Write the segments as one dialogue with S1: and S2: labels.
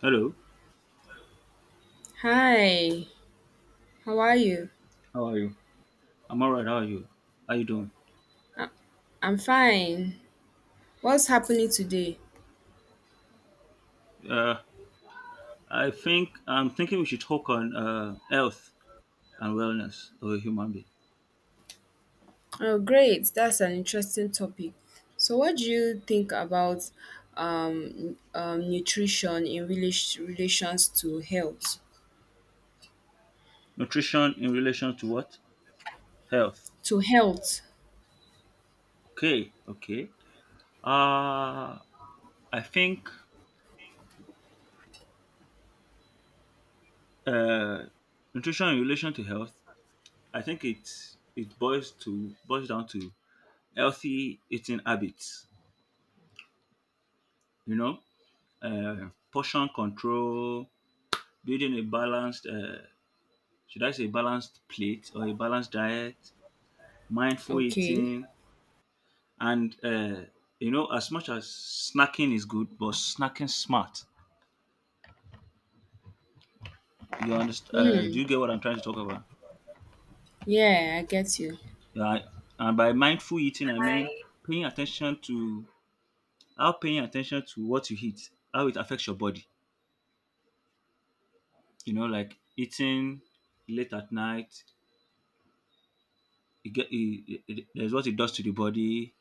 S1: Hello,
S2: Hi, how are you?
S1: how are you? I'm alright. How are you? How you doing?
S2: I'm fine. What's happening today?
S1: Uh, I'm thinking we should talk on health and wellness of a human being.
S2: Oh, great. That's an interesting topic. So, what do you think about nutrition in relations to health?
S1: Nutrition in relation to what? Health.
S2: To health.
S1: Okay, okay. Uh, I think uh, nutrition in relation to health. I think it boils down to healthy eating habits. You know, portion control, building a balanced should I say balanced plate or a balanced diet, mindful
S2: Okay.
S1: eating, and you know, as much as snacking is good, but snacking smart. You understand? Do you get what I'm trying to talk about?
S2: Yeah, I get you.
S1: Yeah, and by mindful eating, I mean paying attention to paying attention to what you eat, how it affects your body. You know, like eating late at night, it get, it- there's what it does to the body.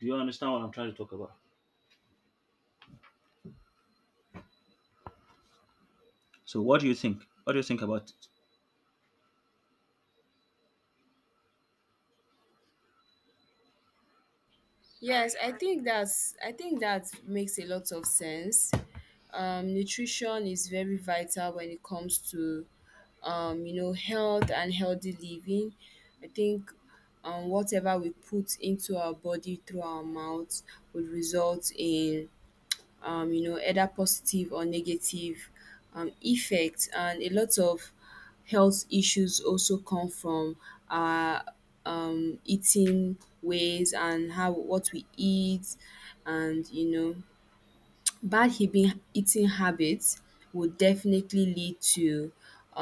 S1: Do you understand what I'm trying to talk about? So, what do you think? What do you think about?
S2: Yes, I think that makes a lot of sense. Nutrition is very vital when it comes to you know, health and healthy living. I think whatever we put into our body through our mouth would result in you know, either positive or negative effect, and a lot of health issues also come from our eating ways and how what we eat, and you know, bad eating habits would definitely lead to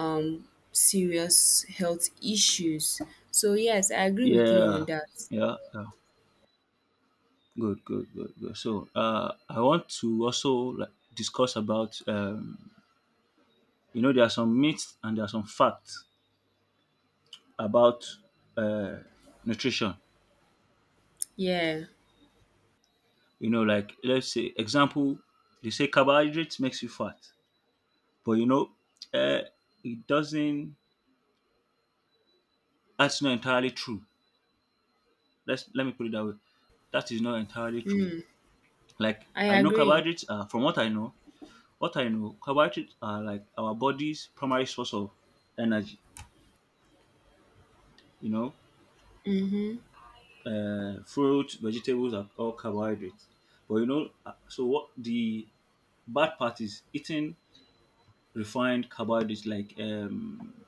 S2: serious health issues. So yes, I agree with you on
S1: Yeah,
S2: that.
S1: yeah, yeah. Good, good, good, good. So, I want to also like discuss about you know, there are some myths and there are some facts about uh nutrition.
S2: Yeah,
S1: You know, like let's say example, they say carbohydrates makes you fat, but you know, uh, it doesn't. That's not entirely true. Let me put it that way. That is not entirely true. Like
S2: I
S1: I know
S2: agree.
S1: carbohydrates are, from what I know, what I know, carbohydrates are like our body's primary source of energy. You
S2: Mm.
S1: know, fruits, vegetables are all carbohydrates. But you know, so what the bad part is eating refined carbohydrates like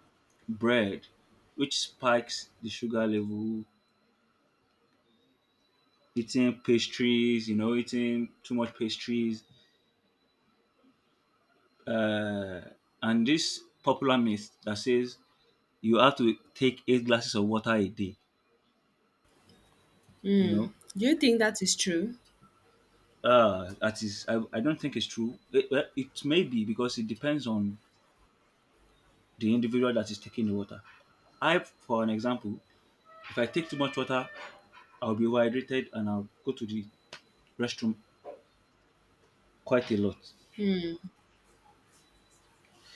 S1: bread, which spikes the sugar level. Eating pastries, you know, eating too much pastries, uh, and this popular myth that says you have to take eight glasses of water a day. You know,
S2: Do you think that is true?
S1: That is, I don't think it's true. It, well, it may be because it depends on the individual that is taking the water. I, for an example, if I take too much water, I'll be overhydrated and I'll go to the restroom quite a lot.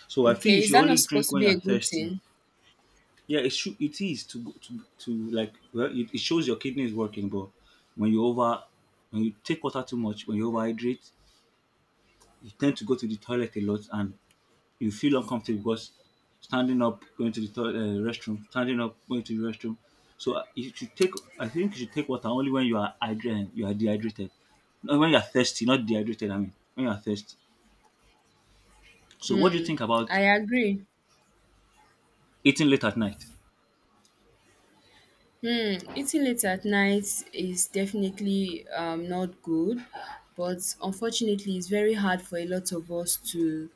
S1: So I feel you
S2: Okay, is
S1: should
S2: that not
S1: only
S2: supposed
S1: drink
S2: to
S1: when
S2: be
S1: you're
S2: a good
S1: thirsty.
S2: thing?
S1: Yeah, it should, it is to like well, it shows your kidney is working, but when you over when you take water too much, when you overhydrate, you tend to go to the toilet a lot and you feel uncomfortable because standing up, going to the toilet, restroom, standing up, going to the restroom. So you should take. I think you should take water only when you are you are dehydrated. No, when you are thirsty, not dehydrated. I mean, when you are thirsty. So what do you think about
S2: I agree.
S1: eating late at night?
S2: Hmm, eating late at night is definitely not good, but unfortunately, it's very hard for a lot of us to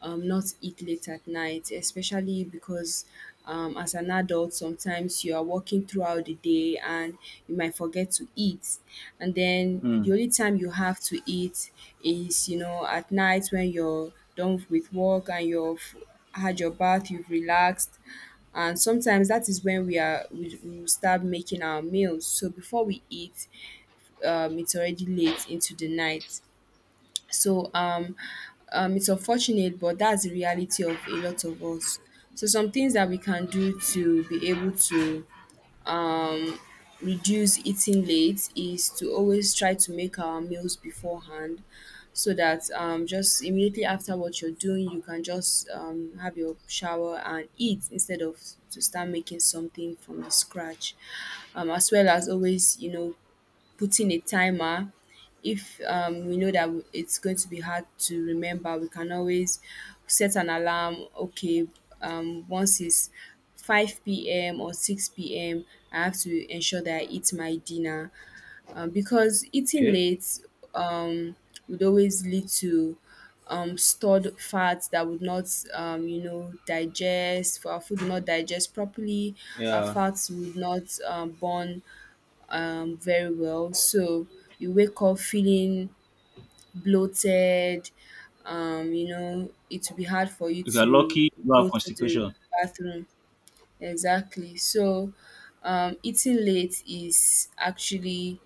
S2: not eat late at night, especially because as an adult, sometimes you are working throughout the day and you might forget to eat. And then
S1: Mm.
S2: the only time you have to eat is, you know, at night when you're done with work and you're had your bath, you've relaxed, and sometimes that is when we will start making our meals. So before we eat, it's already late into the night. So it's unfortunate, but that's the reality of a lot of us. So some things that we can do to be able to reduce eating late is to always try to make our meals beforehand, so that just immediately after what you're doing, you can just have your shower and eat instead of to start making something from the scratch. As well as always, you know, putting a timer if we know that it's going to be hard to remember, we can always set an alarm. Okay, once it's 5 p.m or 6 p.m, I have to ensure that I eat my dinner, because eating
S1: Okay.
S2: late um, would always lead to stored fats that would not digest. Our food would not digest properly. Our
S1: Yeah.
S2: fats would not burn very well. So you wake up feeling bloated. You know, it will be hard for you
S1: If you are
S2: to
S1: lucky, you have
S2: go to the
S1: constipation.
S2: bathroom. Exactly. So eating late is actually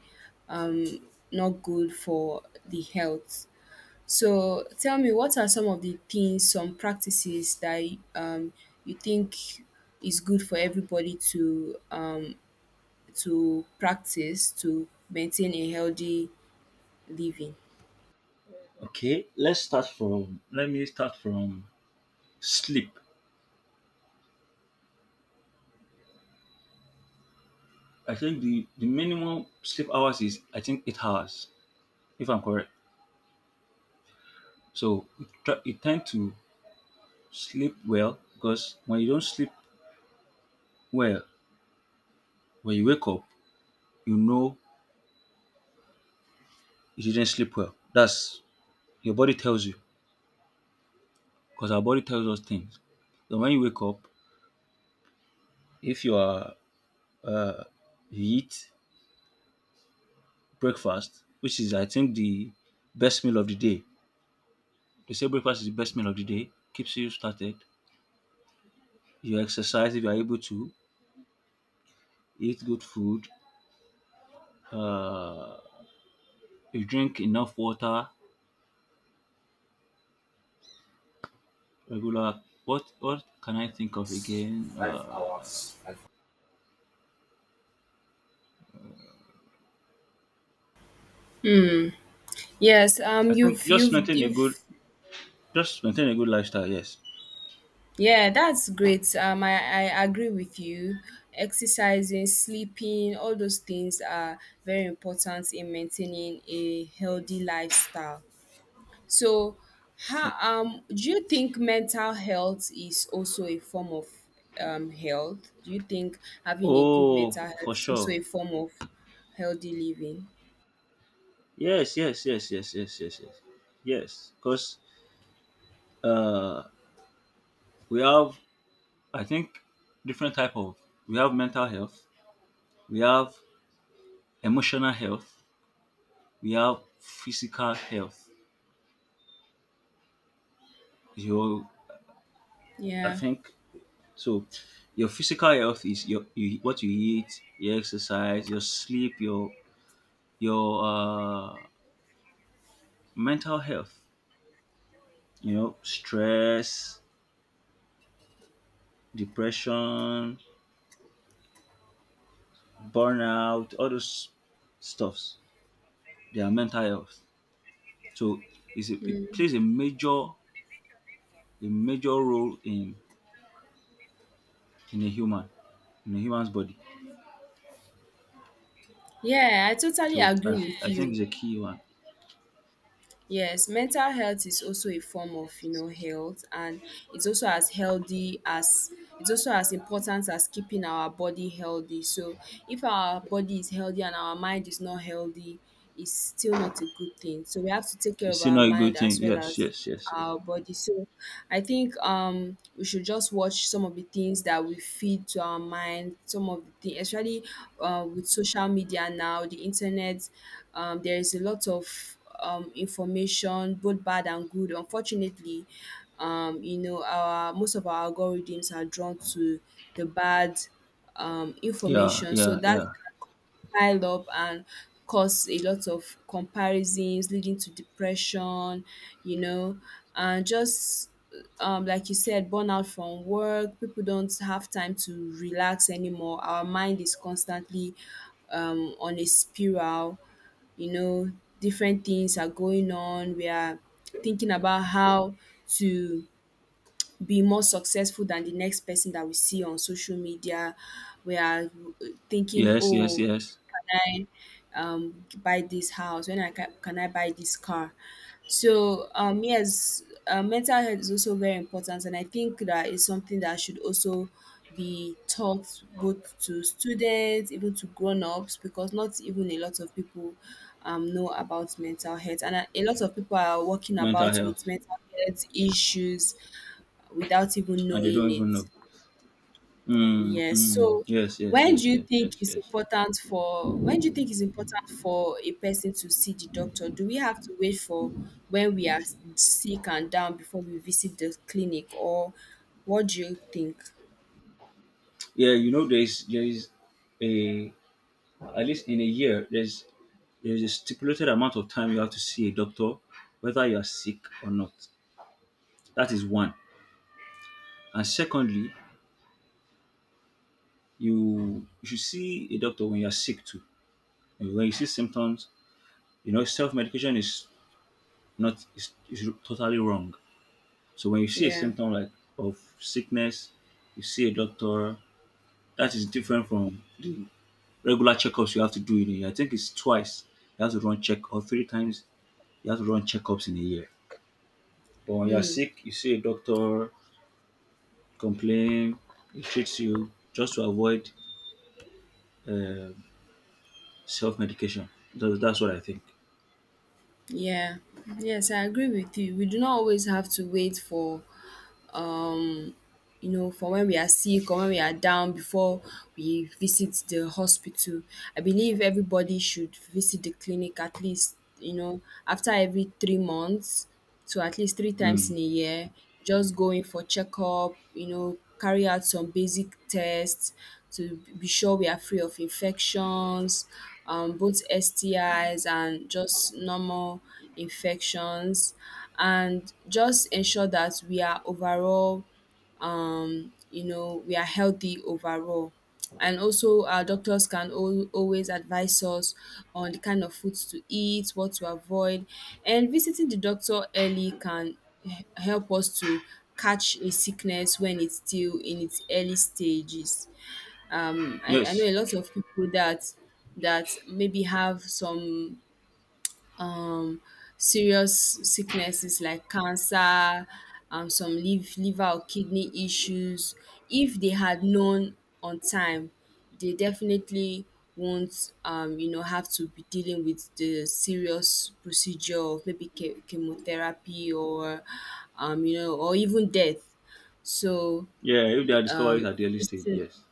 S2: not good for the health. So tell me, what are some of the things, some practices that um, you think is good for everybody to to practice to maintain a healthy living.
S1: Okay, Let me start from sleep. I think the minimum sleep hours is I think 8 hours, if I'm correct. So it, try- it tend to Sleep well because when you don't sleep well, when you wake up, you know you didn't sleep well. That's your body tells you because our body tells us things. So when you wake up, if you are uh, you eat breakfast, which is I think the best meal of the day. They say breakfast is the best meal of the day, keeps you started. You exercise if you are able to, eat good food, uh, you drink enough water, regular. What can I think of again?
S2: Yes,
S1: I think
S2: you've
S1: just maintain a good lifestyle. Yes.
S2: yeah, that's great. I agree with you. Exercising, sleeping, all those things are very important in maintaining a healthy lifestyle. So, how do you think mental health is also a form of health? Do you think having a good
S1: Oh,
S2: mental health
S1: for
S2: is also
S1: sure.
S2: a form of healthy living?
S1: Yes, yes, yes, yes, yes, yes, yes. Yes, because uh, we have, I think, different type of. We have mental health. We have emotional health. We have physical health. Your, I
S2: Yeah.
S1: think, so. Your physical health is what you eat, your exercise, your sleep, your mental health. You know, stress, depression, burnout, all those stuffs. Their mental health. So it plays a major role in a human in a human's body.
S2: Yeah, I totally
S1: So
S2: agree with
S1: I think it's
S2: you.
S1: a key one.
S2: Yes, mental health is also a form of, you know, health, and it's also as healthy as it's also as important as keeping our body healthy. So if our body is healthy and our mind is not healthy, it's still not a good thing. So we have to take care
S1: It's
S2: of
S1: still
S2: our
S1: not a
S2: mind
S1: good
S2: as
S1: thing.
S2: well
S1: Yes,
S2: as
S1: yes, yes, yes.
S2: our body. So I think we should just watch some of the things that we feed to our mind, some of the things, especially with social media now, the internet, there is a lot of information, both bad and good. Unfortunately, you know, our most of our algorithms are drawn to the bad
S1: Yeah,
S2: information. So
S1: yeah,
S2: that
S1: yeah.
S2: pile up and cause a lot of comparisons leading to depression, you know, and just like you said, burnout from work. People don't have time to relax anymore. Our mind is constantly on a spiral. You know, different things are going on. We are thinking about how to be more successful than the next person that we see on social media. We are thinking,
S1: Yes, yes,
S2: oh,
S1: yes.
S2: can buy this house, when can I buy this car? So yes, mental health is also very important, and I think that is something that should also be taught both to students, even to grown-ups, because not even a lot of people know about mental health, and a lot of people are walking
S1: Mental
S2: about
S1: health,
S2: with mental health issues without even
S1: and they
S2: knowing
S1: don't even
S2: it.
S1: know. Mm,
S2: Yes.
S1: mm.
S2: So,
S1: Yes, yes, yes, yes, yes, yes.
S2: when do you think it's important for a person to see the doctor? Do we have to wait for when we are sick and down before we visit the clinic, or what do you think?
S1: Yeah, you know, there is a at least in a year there's a stipulated amount of time you have to see a doctor whether you are sick or not, that is one, and secondly you should see a doctor when you are sick too. And when you see symptoms, you know self-medication is not is totally wrong. So when you see a
S2: Yeah,
S1: symptom like of sickness, you see a doctor. That is different from the regular checkups you have to do in a year. I think it's twice you have to run check or three times you have to run checkups in a year. But when you're sick, you see a doctor, complain, he treats you just to avoid uh, self medication. That's what I think.
S2: yeah, yes, I agree with you. We do not always have to wait for when we are sick or when we are down before we visit the hospital. I believe everybody should visit the clinic at least, after every 3 months, to at least three times
S1: Mm.
S2: in a year, just going for checkup, carry out some basic tests to be sure we are free of infections, both STIs and just normal infections, and just ensure that we are overall you know, we are healthy overall. And also our doctors can always advise us on the kind of foods to eat, what to avoid, and visiting the doctor early can help us to catch a sickness when it's still in its early stages. I know
S1: Yes.
S2: a lot of people that maybe have some um serious sicknesses like cancer, some liver or kidney issues. If they had known on time, they definitely won't you know, have to be dealing with the serious procedure of maybe chemotherapy or you know, or even death. So
S1: Yeah, if they are discovered
S2: um
S1: at the early stage,
S2: visiting,
S1: yes.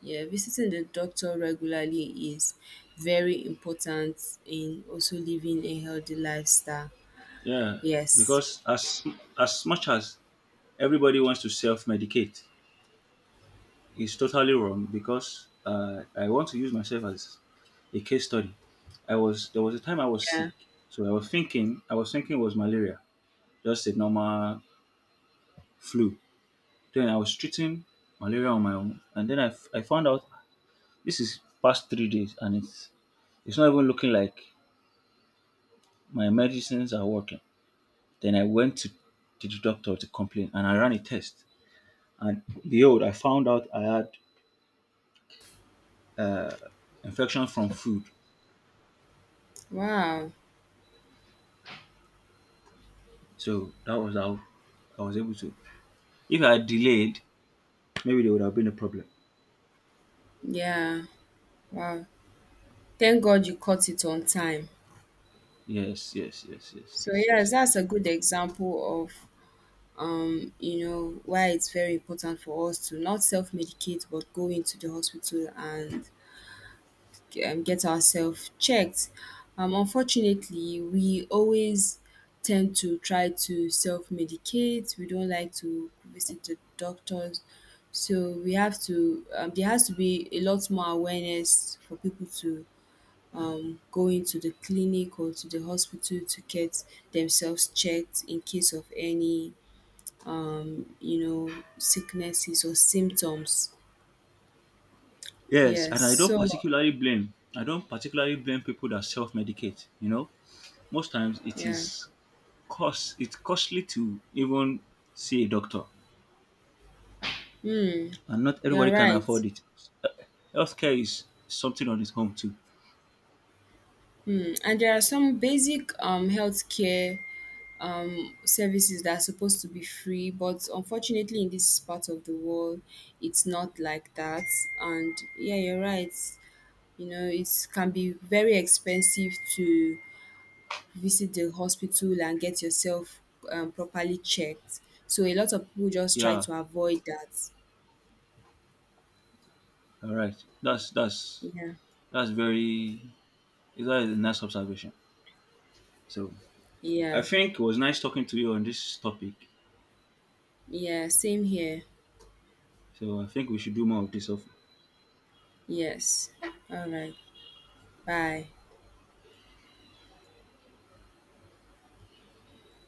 S2: yeah, visiting the doctor regularly is very important in also living a healthy lifestyle.
S1: Yeah,
S2: Yes.
S1: because as much as everybody wants to self medicate, it's totally wrong because I want to use myself as a case study. I was there was a time I was
S2: Yeah.
S1: sick, so I was thinking it was malaria, just a normal flu. Then I was treating malaria on my own, and then I found out this is past 3 days, and it's not even looking like my medicines are working. Then to the doctor to complain, and I ran a test, and behold, I found out I had uh, infection from food.
S2: Wow.
S1: So that was how I was able to. If I had delayed, maybe there would have been a problem.
S2: Yeah. Wow. Thank God you caught it on time.
S1: Yes, yes, yes, yes, yes,
S2: So
S1: yes,
S2: yes,
S1: yes,
S2: that's a
S1: yes.
S2: good example of you know, why it's very important for us to not self-medicate but go into the hospital and get ourselves checked. Unfortunately, we always tend to try to self-medicate. We don't like to visit the doctors. So we have to, there has to be a lot more awareness for people to going to the clinic or to the hospital to get themselves checked in case of any you know, sicknesses or symptoms.
S1: Yes,
S2: Yes,
S1: and
S2: so
S1: I don't particularly blame people that self-medicate. You know, most times it
S2: yeah.
S1: is cost. It's costly to even see a doctor,
S2: Hmm.
S1: and not
S2: You're
S1: everybody can
S2: right.
S1: afford it. Uh, Healthcare is something on its own too.
S2: Hmm. And there are some basic healthcare services that are supposed to be free, but unfortunately in this part of the world, it's not like that. And yeah, you're right, you know, it can be very expensive to visit the hospital and get yourself properly checked. So a lot of people just try
S1: Yeah,
S2: to avoid that.
S1: all right. That's that's
S2: Yeah,
S1: that's very. That is a nice observation. So I
S2: yeah,
S1: think it was nice talking to you on this topic.
S2: yeah. Same here.
S1: So I think we should do more of this.
S2: Yes. All right. Bye.